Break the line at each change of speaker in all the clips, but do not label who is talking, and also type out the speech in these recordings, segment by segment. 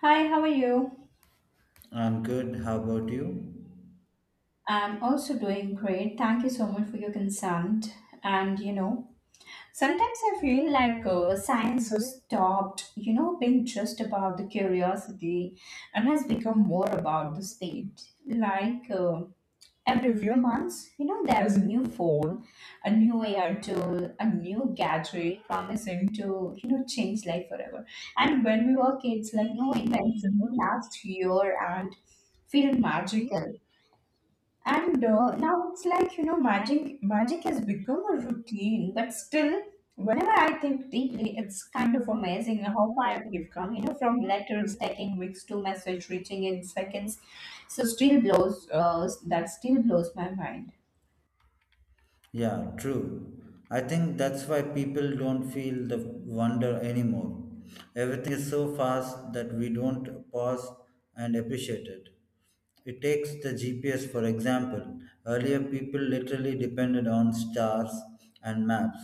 Hi, how are you?
I'm good. How about you?
I'm also doing great. Thank you so much for your consent. And you know, sometimes I feel like science has stopped, being just about the curiosity and has become more about the state. Like every few months, there is a new phone, a new AI tool, a new gadget promising to, change life forever. And when we were kids, like no invention, no last year and feel magical. And now it's like magic has become a routine. But still, whenever I think deeply, it's kind of amazing how far we've come from letters taking weeks to message reaching in seconds. So still blows that still blows my mind.
Yeah, true. I think that's why people don't feel the wonder anymore. Everything is so fast that we don't pause and appreciate it. It takes the GPS, for example. Earlier, people literally depended on stars and maps.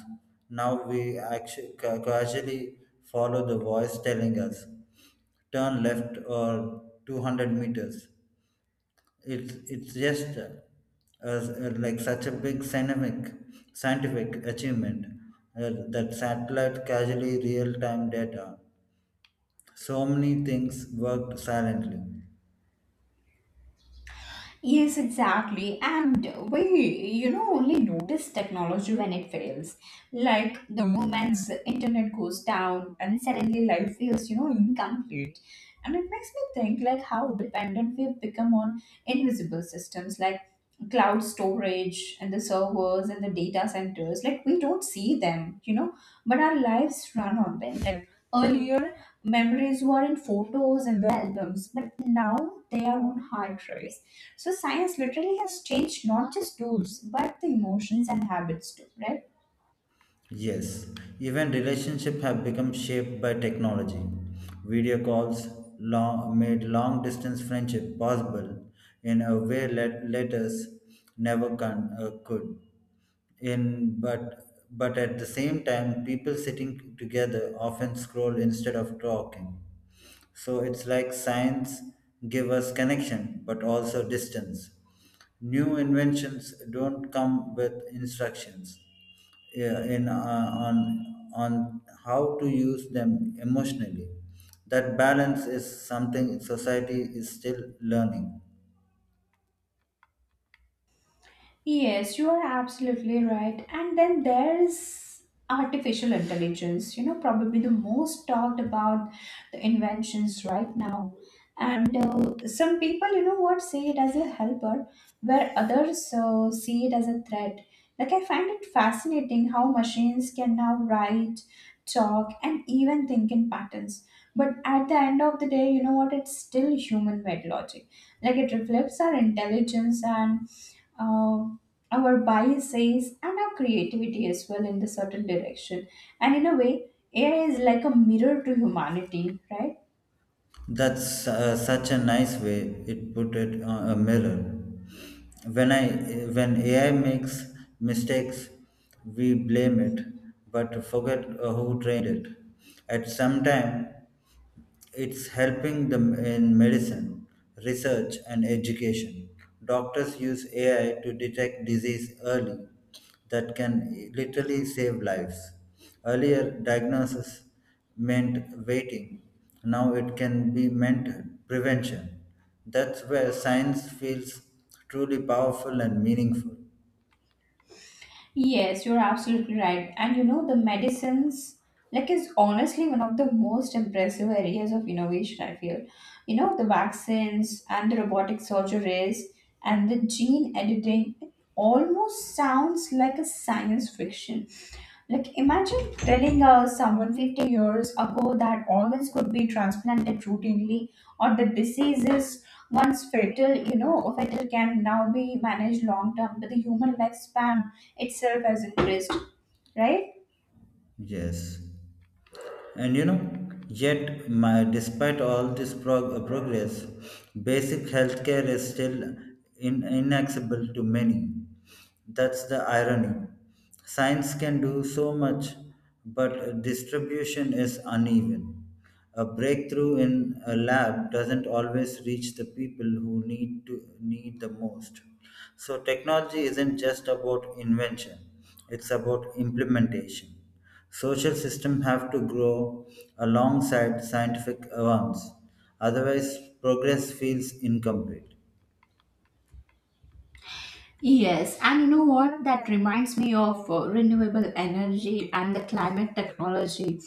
Now we actually casually follow the voice telling us turn left or 200 meters. It's just like such a big scientific achievement, that satellite casually real time data, so many things worked silently.
Yes, exactly. And we, only notice technology when it fails. Like the moment the internet goes down and suddenly life feels, incomplete. And it makes me think like how dependent we've become on invisible systems like cloud storage and the servers and the data centers. Like we don't see them, but our lives run on them. Like earlier, memories were in photos and the albums, but now they are on hard drives. So science literally has changed not just tools, but the emotions and habits too, right?
Yes, even relationships have become shaped by technology. Video calls made long distance friendship possible in a way letters never could. In but at the same time, people sitting together often scroll instead of talking. So it's like science give us connection but also distance. New inventions don't come with instructions, yeah, in on how to use them emotionally. That balance is something society is still learning.
Yes, you are absolutely right. And then there is artificial intelligence, probably the most talked about the inventions right now. And some people, see it as a helper, where others see it as a threat. Like, I find it fascinating how machines can now write, talk, and even think in patterns. But at the end of the day, it's still human made logic. Like, it reflects our intelligence and uh, our bias says and our creativity as well in the certain direction. And in a way, AI is like a mirror to humanity, right?
That's such a nice way it put it on a mirror. When I when AI makes mistakes, we blame it, but forget who trained it. At some time, it's helping them in medicine, research, and education. Doctors use AI to detect disease early that can literally save lives. Earlier, diagnosis meant waiting. Now it can be meant prevention. That's where science feels truly powerful and meaningful.
Yes, you're absolutely right. And you know, the medicines like is honestly one of the most impressive areas of innovation, I feel. You know, the vaccines and the robotic surgeries and the gene editing, it almost sounds like a science fiction. Like imagine telling someone 50 years ago that organs could be transplanted routinely, or the diseases once fatal, fatal can now be managed long term. But the human lifespan itself as interest, right?
Yes. And you know, yet despite all this progress, basic healthcare is still inaccessible to many. That's the irony. Science can do so much, but distribution is uneven. A breakthrough in a lab doesn't always reach the people who need the most. So technology isn't just about invention; it's about implementation. Social systems have to grow alongside scientific advance, otherwise, progress feels incomplete.
Yes, and you know what? That reminds me of renewable energy and the climate technology.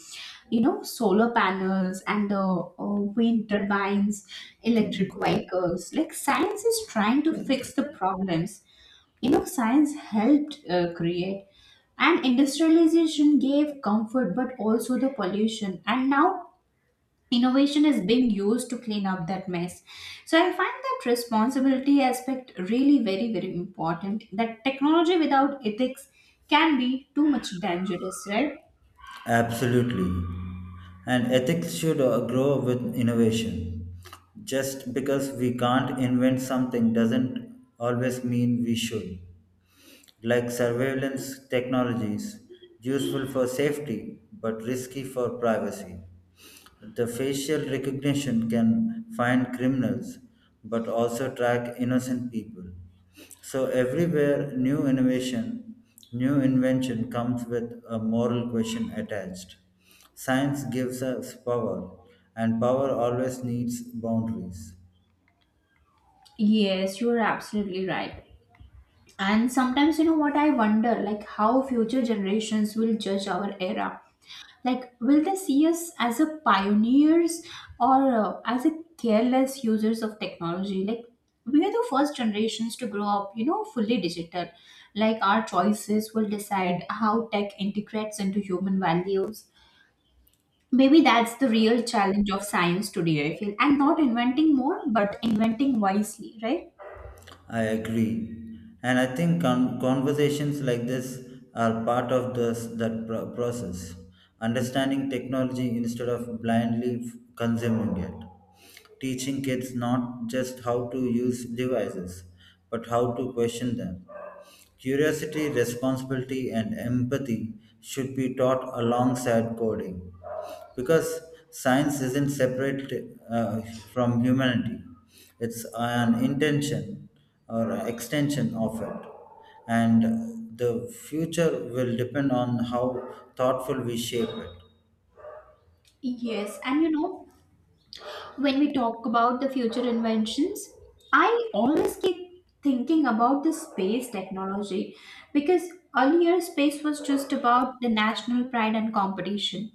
You know, solar panels and the wind turbines, electric vehicles. Like, science is trying to fix the problems. You know, science helped create, and industrialization gave comfort, but also the pollution. And now innovation is being used to clean up that mess. So I find that responsibility aspect really very very important, that technology without ethics can be too much dangerous, right?
Absolutely. And ethics should grow with innovation. Just because we can't invent something doesn't always mean we should. Like surveillance technologies, useful for safety but risky for privacy. The facial recognition can find criminals but also track innocent people. So everywhere new innovation, new invention comes with a moral question attached. Science gives us power and power always needs boundaries.
Yes, you are absolutely right. And sometimes, I wonder like how future generations will judge our era. Like, will they see us as a pioneers or as a careless users of technology? Like, we are the first generations to grow up, fully digital. Like, our choices will decide how tech integrates into human values. Maybe that's the real challenge of science today, I feel. And not inventing more, but inventing wisely, right?
I agree. And I think conversations like this are part of that process, understanding technology instead of blindly consuming it. Teaching kids not just how to use devices, but how to question them. Curiosity, responsibility, and empathy should be taught alongside coding because science isn't separate uh, from humanity. It's an intention or extension of it, and the future will depend on how thoughtful we shape it.
Yes, and you know, when we talk about the future inventions, I always keep thinking about the space technology, because earlier space was just about the national pride and competition.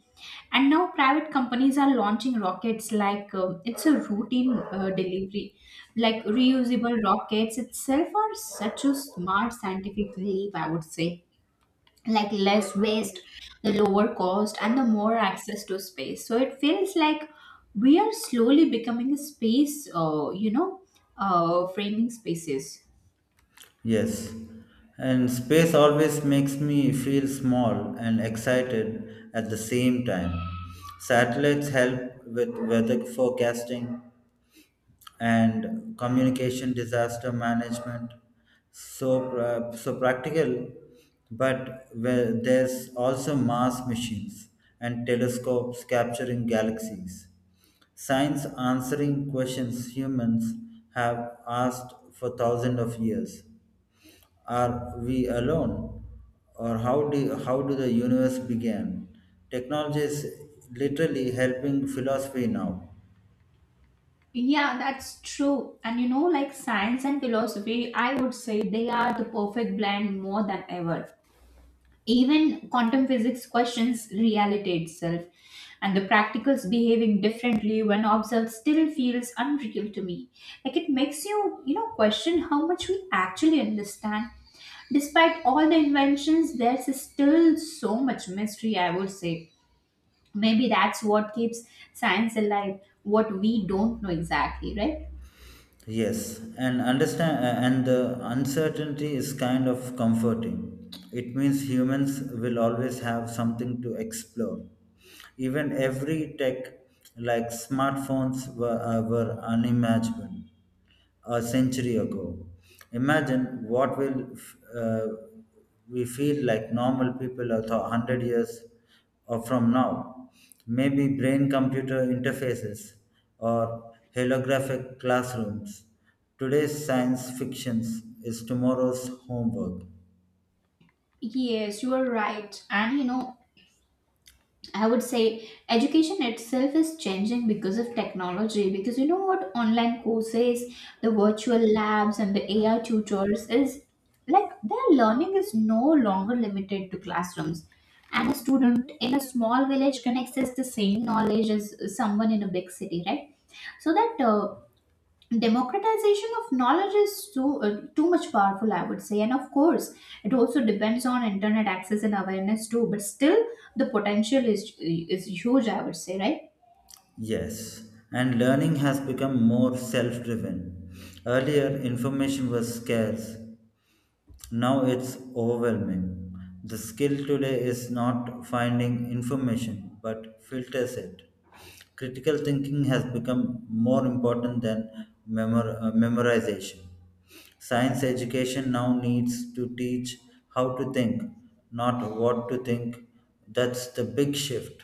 And now private companies are launching rockets like it's a routine delivery. Like reusable rockets itself are such a smart scientific leap, I would say, like less waste, the lower cost, and the more access to space. So it feels like we are slowly becoming a space, framing spaces.
Yes, and space always makes me feel small and excited at the same time. Satellites help with weather forecasting and communication disaster management, so practical, but where there's also mass machines and telescopes capturing galaxies, science answering questions humans have asked for thousands of years. Are we alone, or how do the universe began? Technology is literally helping philosophy now.
Yeah, that's true. And you know, like science and philosophy, I would say they are the perfect blend more than ever. Even quantum physics questions reality itself, and the practicals behaving differently when observed still feels unreal to me. Like it makes you, question how much we actually understand. Despite all the inventions, there's still so much mystery, I would say. Maybe that's what keeps science alive, what we don't know exactly, right?
Yes, and and the uncertainty is kind of comforting. It means humans will always have something to explore. Even every tech, like smartphones, were unimaginable a century ago. Imagine what will we feel like normal people a 100 years or from now. Maybe brain-computer interfaces or holographic classrooms. Today's science fiction is tomorrow's homework.
Yes, you are right. And you know, I would say education itself is changing because of technology. Because you know what, online courses, the virtual labs, and the AI tutors is like their learning is no longer limited to classrooms. And a student in a small village can access the same knowledge as someone in a big city, right? So that democratization of knowledge is so too much powerful, I would say. And of course it also depends on internet access and awareness too, but still the potential is huge, I would say, right?
Yes, and learning has become more self driven. Earlier, information was scarce. Now it's overwhelming. The skill today is not finding information but filters it. Critical thinking has become more important than memorization. Science education now needs to teach how to think, not what to think. That's the big shift.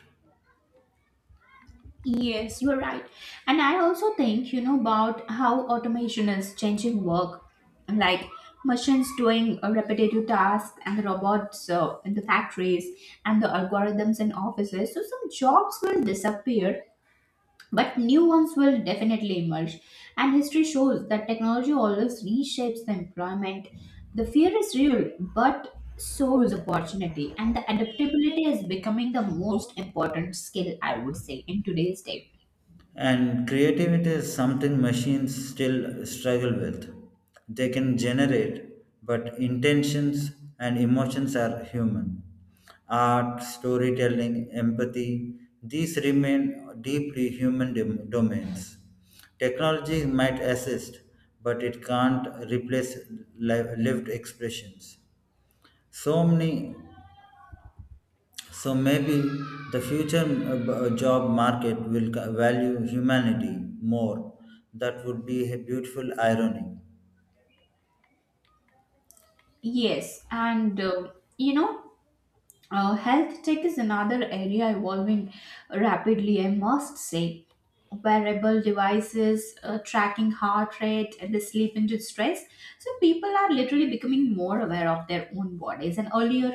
Yes, you're right. And I also think, you know, about how automation is changing work. Like machines doing repetitive tasks and the robots in the factories and the algorithms in offices. So some jobs will disappear, but new ones will definitely emerge, and history shows that technology always reshapes the employment. The fear is real, but so is opportunity, and the adaptability is becoming the most important skill, I would say, in today's day.
And creativity is something machines still struggle with. They can generate, but intentions and emotions are human. Art, storytelling, empathy, these remain deeply human domains. Technology might assist, but it can't replace lived expressions. So many so maybe the future job market will value humanity more. That would be a beautiful irony.
Yes, and you know, health tech is another area evolving rapidly, I must say. Wearable devices, tracking heart rate, and the sleep induced stress. So, people are literally becoming more aware of their own bodies. And earlier,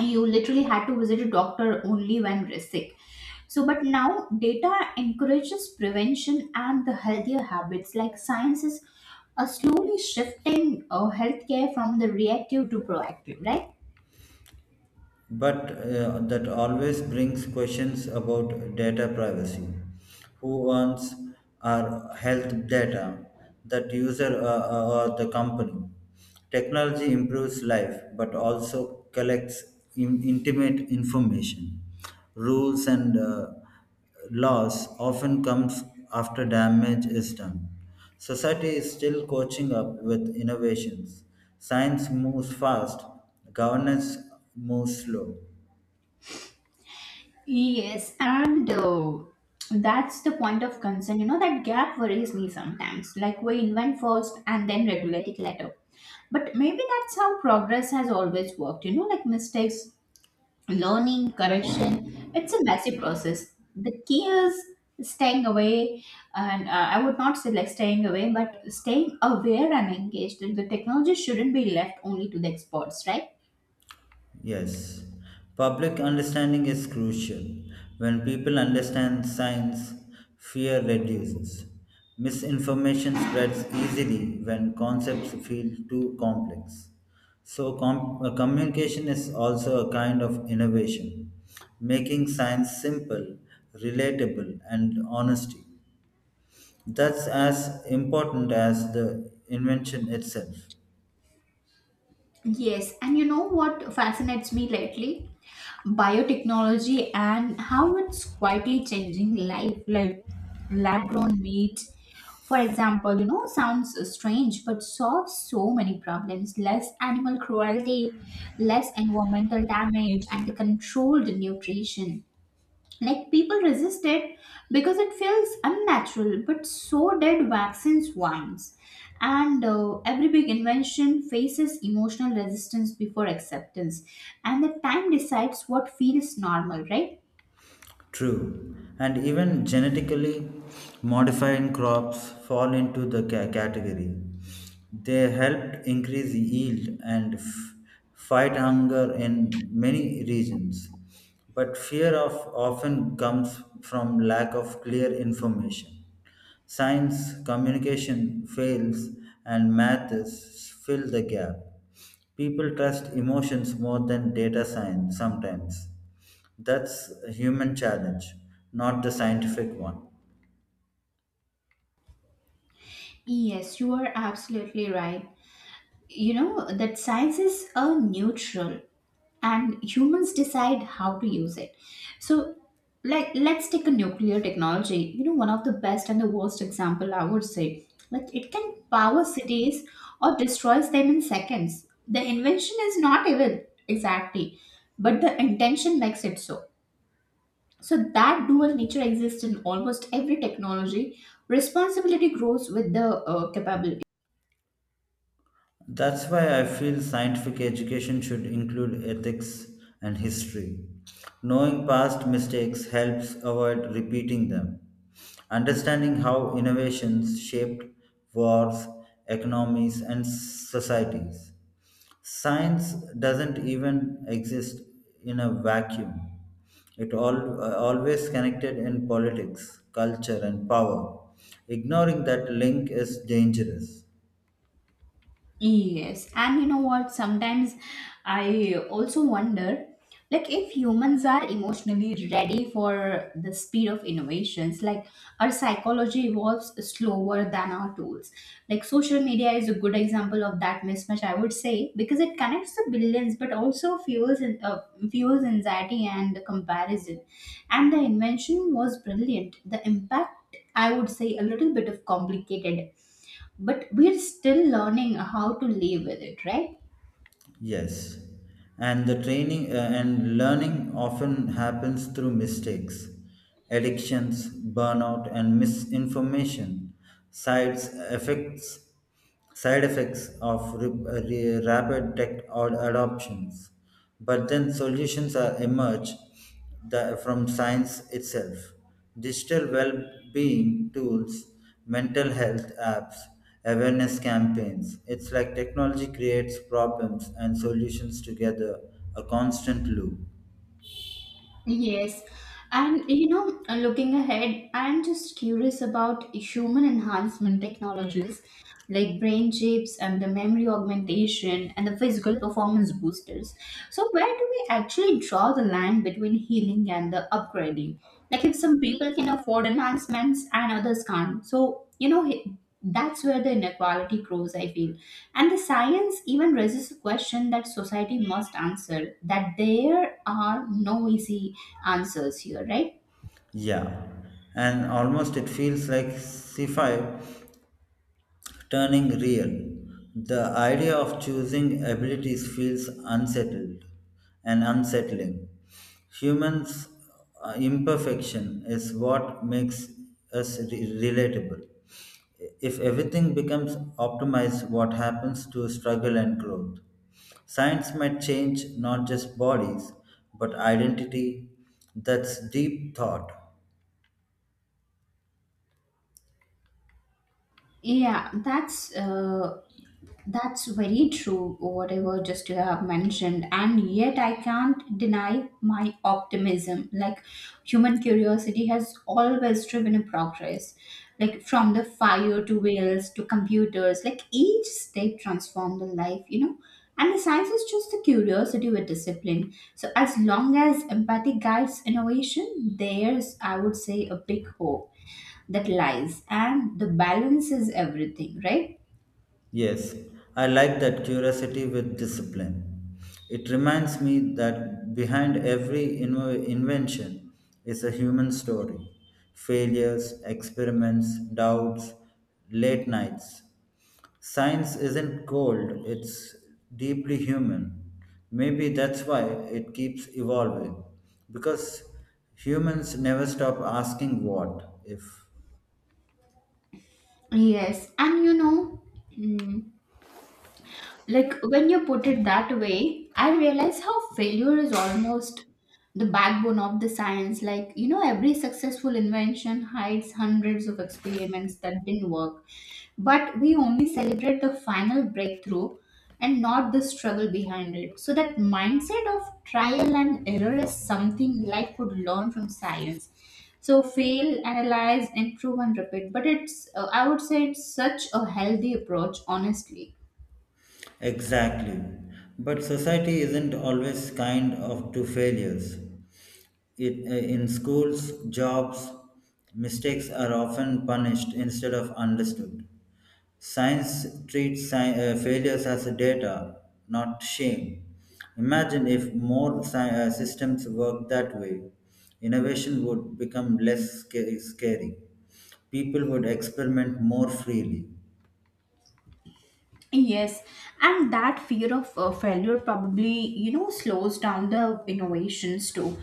you literally had to visit a doctor only when sick. So, but now data encourages prevention and the healthier habits. Like science is slowly shifting healthcare from the reactive to proactive, right?
But That always brings questions about data privacy. Who owns our health data? That user or the company? Technology improves life but also collects intimate information, rules, and loss often comes after damage is done. Society is still coaching up with innovations. Science moves fast, governance moves slow.
Yes, and that's the point of concern. You know, that gap worries me sometimes. Like, we invent first and then regulate it later. But maybe that's how progress has always worked. You know, like mistakes, learning, correction, it's a messy process. The key is staying away, and I would not say like staying away, but staying aware and engaged. The technology shouldn't be left only to the experts, right?
Yes, public understanding is crucial. When people understand science, fear reduces. Misinformation spreads easily when concepts feel too complex. So, communication is also a kind of innovation, making science simple, relatable, and honesty. That's as important as the invention itself.
Yes, and you know what fascinates me lately? Biotechnology and how it's quietly changing life, like lab grown meat. For example, you know, sounds strange but solves so many problems: less animal cruelty, less environmental damage, and controlled nutrition. Like people resist it because it feels unnatural, but so did vaccines once. And every big invention faces emotional resistance before acceptance, and the time decides what feels normal, right?
True, and even genetically modifying crops fall into the category. They helped increase yield and fight hunger in many regions. But fear of often comes from lack of clear information. Science communication fails and math is fill the gap. People trust emotions more than data science sometimes. That's a human challenge, not the scientific one.
Yes, you are absolutely right. You know that science is a neutral and humans decide how to use it. So, like, let's take a nuclear technology, you know, one of the best and the worst example, I would say. Like it can power cities or destroys them in seconds. The invention is not evil, exactly, but the intention makes it so. So that dual nature exists in almost every technology. Responsibility grows with the capability.
That's why I feel scientific education should include ethics and history. Knowing past mistakes helps avoid repeating them. Understanding how innovations shaped wars, economies, and societies. Science doesn't even exist in a vacuum. It all always connected in politics, culture, and power. Ignoring that link is dangerous.
Yes, and you know what? Sometimes I also wonder, like, if humans are emotionally ready for the speed of innovations, like, our psychology evolves slower than our tools. Like, social media is a good example of that mismatch, I would say, because it connects the billions, but also fuels anxiety and the comparison. And the invention was brilliant. The impact, I would say, a little bit of complicated, but we're still learning how to live with it, right?
Yes, and the training and learning often happens through mistakes, addictions, burnout, and misinformation. Sides effects, Side effects of rapid tech or adoptions. But then solutions are emerge from science itself. Digital well-being tools, mental health apps, awareness campaigns. It's like technology creates problems and solutions together, a constant loop.
Yes. And you know, looking ahead, I'm just curious about human enhancement technologies like brain chips and the memory augmentation and the physical performance boosters. So, where do we actually draw the line between healing and the upgrading? Like, if some people can afford enhancements and others can't. So, you know, that's where the inequality grows, I feel. And the science even raises a question that society must answer, that there are no easy answers here, right?
Yeah, and almost it feels like sci-fi turning real. The idea of choosing abilities feels unsettled and unsettling. Humans' imperfection is what makes us relatable. If everything becomes optimized, what happens to struggle and growth? Science might change not just bodies, but identity. That's deep thought.
Yeah, that's uh, That's very true, whatever just you have mentioned. And yet, I can't deny my optimism. Like, human curiosity has always driven a progress. Like, from the fire to whales to computers, like, each step transformed the life, you know. And the science is just the curiosity with discipline. So, as long as empathy guides innovation, there's, I would say, a big hope that lies. And the balance is everything, right?
Yes, I like that curiosity with discipline. It reminds me that behind every invention is a human story, failures, experiments, doubts, late nights. Science isn't cold, it's deeply human. Maybe that's why it keeps evolving because humans never stop asking what if.
Yes, and you know, mm, like when you put it that way, I realize how failure is almost the backbone of the science. Like, you know, every successful invention hides hundreds of experiments that didn't work. But we only celebrate the final breakthrough and not the struggle behind it. So, that mindset of trial and error is something life could learn from science. So, fail, analyze, improve, and repeat. But I would say, it's such a healthy approach, honestly.
Exactly. But society isn't always kind of to failures. In schools, jobs, mistakes are often punished instead of understood. Science treats failures as a data, not shame. Imagine if more systems worked that way. Innovation would become less scary. People would experiment more freely.
Yes, and that fear of failure probably, you know, slows down the innovations too.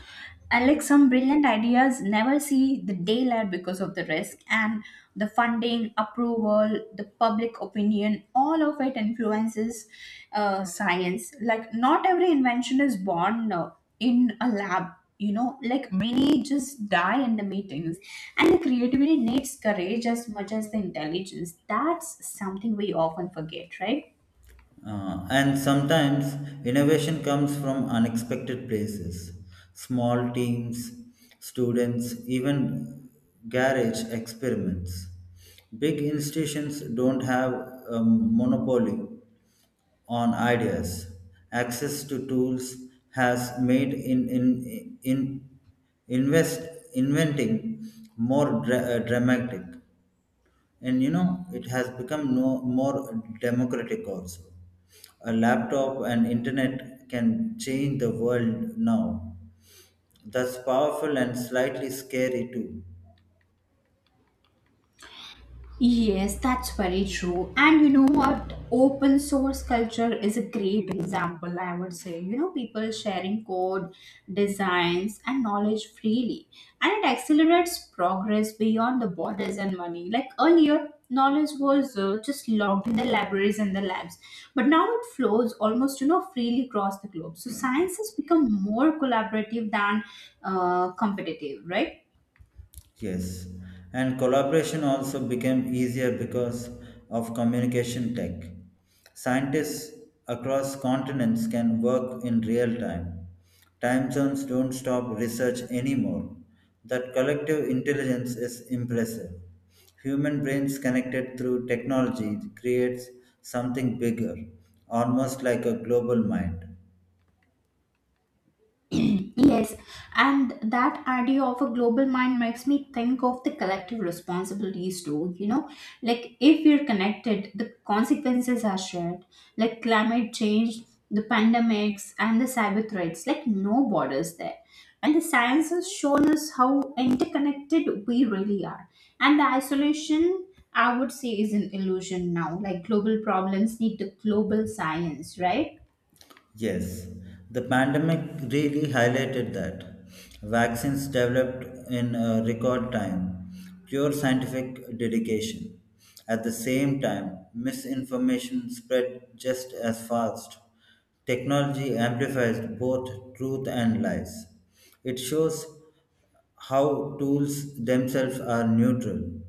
And like some brilliant ideas never see the daylight because of the risk and the funding, approval, the public opinion, all of it influences science. Like, not every invention is born in a lab, you know, like many just die in the meetings. And the creativity needs courage as much as the intelligence. That's something we often forget, right?
And sometimes innovation comes from unexpected places, small teams, students, even garage experiments. Big institutions don't have a monopoly on ideas. Access to tools has made invest, inventing more dramatic, and you know it has become no more democratic also. A laptop and internet can change the world now. That's powerful and slightly scary too.
Yes, that's very true. And you know what? Open source culture is a great example, I would say. You know, people sharing code, designs, and knowledge freely. And it accelerates progress beyond the borders and money. Like earlier, knowledge was just logged in the libraries and the labs. But now it flows almost, you know, freely across the globe. So science has become more collaborative than competitive, right?
Yes, and collaboration also became easier because of communication tech. Scientists across continents can work in real time. Time zones don't stop research anymore. That collective intelligence is impressive. Human brains connected through technology creates something bigger, almost like a global mind.
Yes, and that idea of a global mind makes me think of the collective responsibilities too. You know, like if we're connected, the consequences are shared, like climate change, the pandemics, and the cyber threats, like no borders there. And the science has shown us how interconnected we really are. And the isolation, I would say, is an illusion now. Like global problems need the global science, right?
Yes, the pandemic really highlighted that. Vaccines developed in record time, pure scientific dedication. At the same time, misinformation spread just as fast. Technology amplifies both truth and lies. It shows how tools themselves are neutral.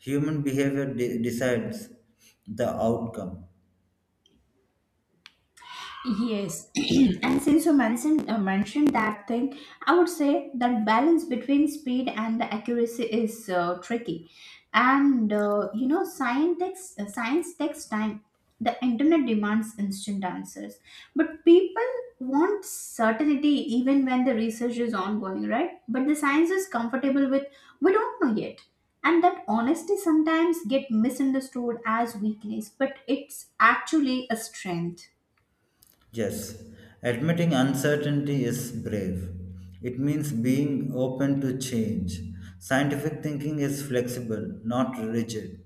Human behavior decides the outcome.
Yes, and since you mentioned mentioned that thing, I would say that balance between speed and the accuracy is tricky, and you know, science takes science takes time. The internet demands instant answers, but people want certainty even when the research is ongoing, right? But the science is comfortable with we don't know yet, and that honesty sometimes get misunderstood as weakness, but it's actually a strength.
Yes, admitting uncertainty is brave. It means being open to change. Scientific thinking is flexible, not rigid.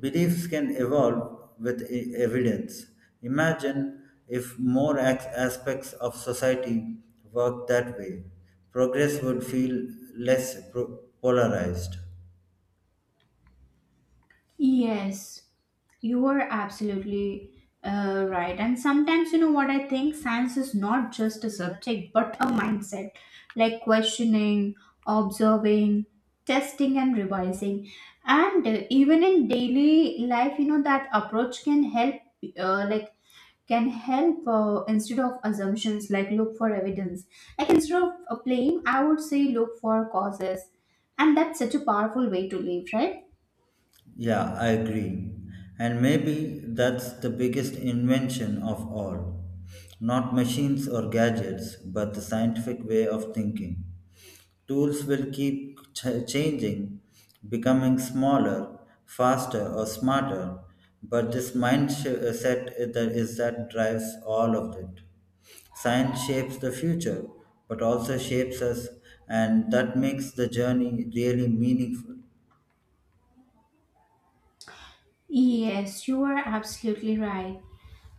Beliefs can evolve with evidence. Imagine if more aspects of society worked that way. Progress would feel less polarized.
Yes, you are absolutely right. And sometimes, you know what I think? Science is not just a subject, but a mindset like questioning, observing, testing, and revising. And even in daily life, you know, that approach can help, uh, like, instead of assumptions, like look for evidence. Like, instead of blame, I would say look for causes. And that's such a powerful way to live, right?
Yeah, I agree. And maybe that's the biggest invention of all. Not machines or gadgets, but the scientific way of thinking. Tools will keep changing, becoming smaller, faster, or smarter, but this mindset is that drives all of it. Science shapes the future, but also shapes us, and that makes the journey really meaningful.
Yes, you are absolutely right.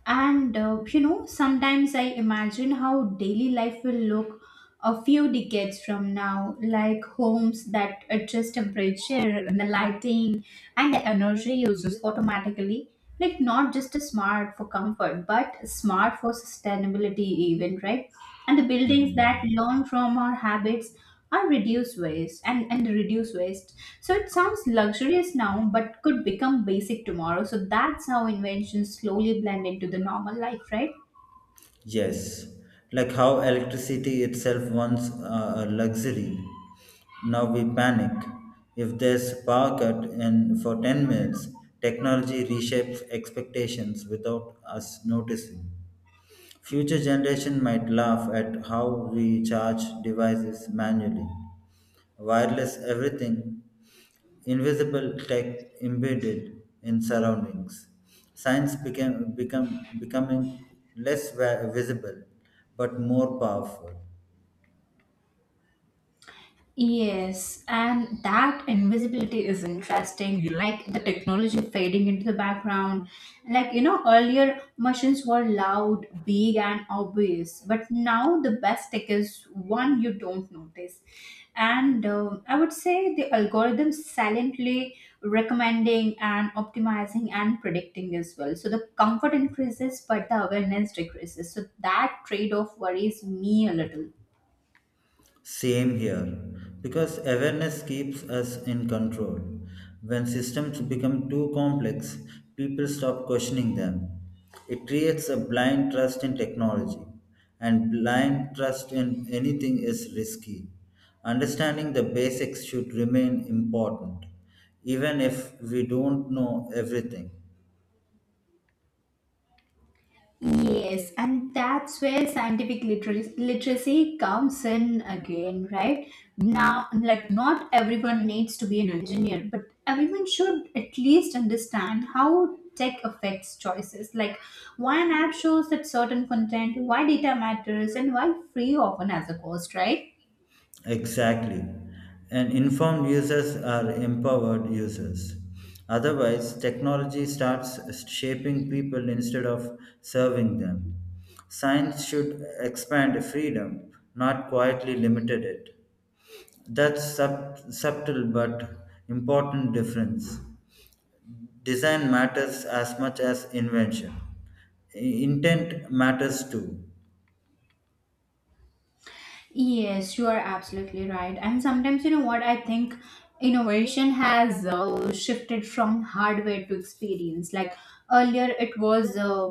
And you know, sometimes I imagine how daily life will look a few decades from now, like homes that adjust temperature, and the lighting, and the energy uses automatically. Like not just a smart for comfort, but smart for sustainability, even, right. And the buildings that
Mm.
learn from our habits are reduce waste and reduce waste, so it sounds luxurious now, but could become basic tomorrow. So that's how inventions slowly blend into the normal life, right?
Yes, like how electricity itself once a luxury. Now we panic. If there's power cut and for 10 minutes, technology reshapes expectations without us noticing. Future generation might laugh at how we charge devices manually. Wireless everything invisible tech embedded in surroundings. Science became become becoming less visible but more powerful.
Yes, and that invisibility is interesting, like the technology fading into the background. Like, you know, earlier machines were loud, big, and obvious, but now the best tech is one you don't notice. And I would say the algorithms silently recommending and optimizing and predicting as well. So the comfort increases, but the awareness decreases. So that trade off worries me a little.
Same here, because awareness keeps us in control. When systems become too complex, people stop questioning them. It creates a blind trust in technology, and blind trust in anything is risky. Understanding the basics should remain important, even if we don't know everything.
Yes, and that's where scientific literacy comes in again, right? Now, like, not everyone needs to be an engineer, but everyone should at least understand how tech affects choices. Like, why an app shows that certain content, why data matters, and why free often has a cost, right?
Exactly. And informed users are empowered users. Otherwise, technology starts shaping people instead of serving them. Science should expand freedom, not quietly limited it. That's subtle but important difference. Design matters as much as invention. Intent matters too.
Yes, you are absolutely right. And sometimes, you know what, I think innovation has shifted from hardware to experience. Like earlier, it was, uh,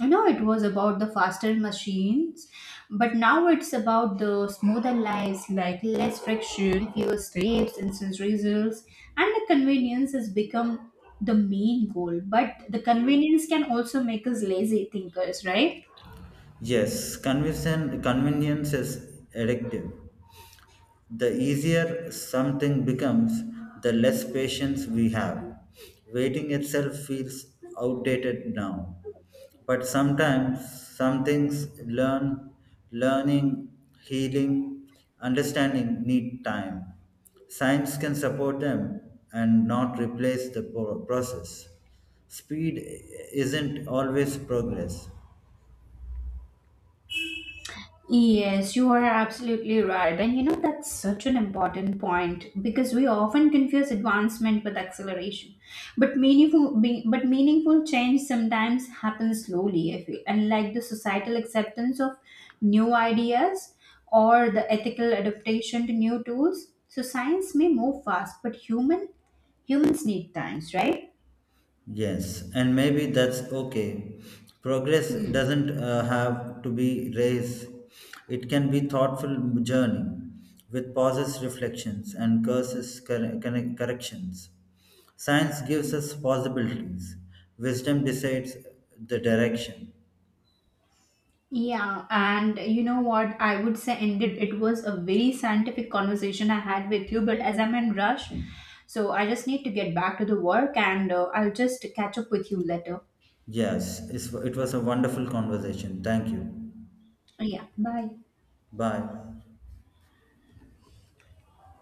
you know, it was about the faster machines, but now it's about the smoother lives, like less friction, fewer steps, instant results, and the convenience has become the main goal. But the convenience can also make us lazy thinkers, right?
Yes, convenience is addictive. The easier something becomes, the less patience we have. Waiting itself feels outdated now. But sometimes some things, learning, healing, understanding need time. Science can support them and not replace the process. Speed isn't always progress.
Yes, you are absolutely right. And you know, that's such an important point because we often confuse advancement with acceleration. But meaningful change sometimes happens slowly, I feel. And like the societal acceptance of new ideas or the ethical adaptation to new tools, so science may move fast, but humans need times, right?
Yes, and maybe that's okay. Progress
Hmm.
doesn't have to be race. It can be thoughtful journey with pauses, reflections, and corrections. Science gives us possibilities. Wisdom decides the direction.
Yeah, and you know what? I would say indeed it was a very scientific conversation I had with you, but as I'm in rush, so I just need to get back to the work, and I'll just catch up with you later.
Yes, it was a wonderful conversation. Thank you.
Yeah, bye.
Bye.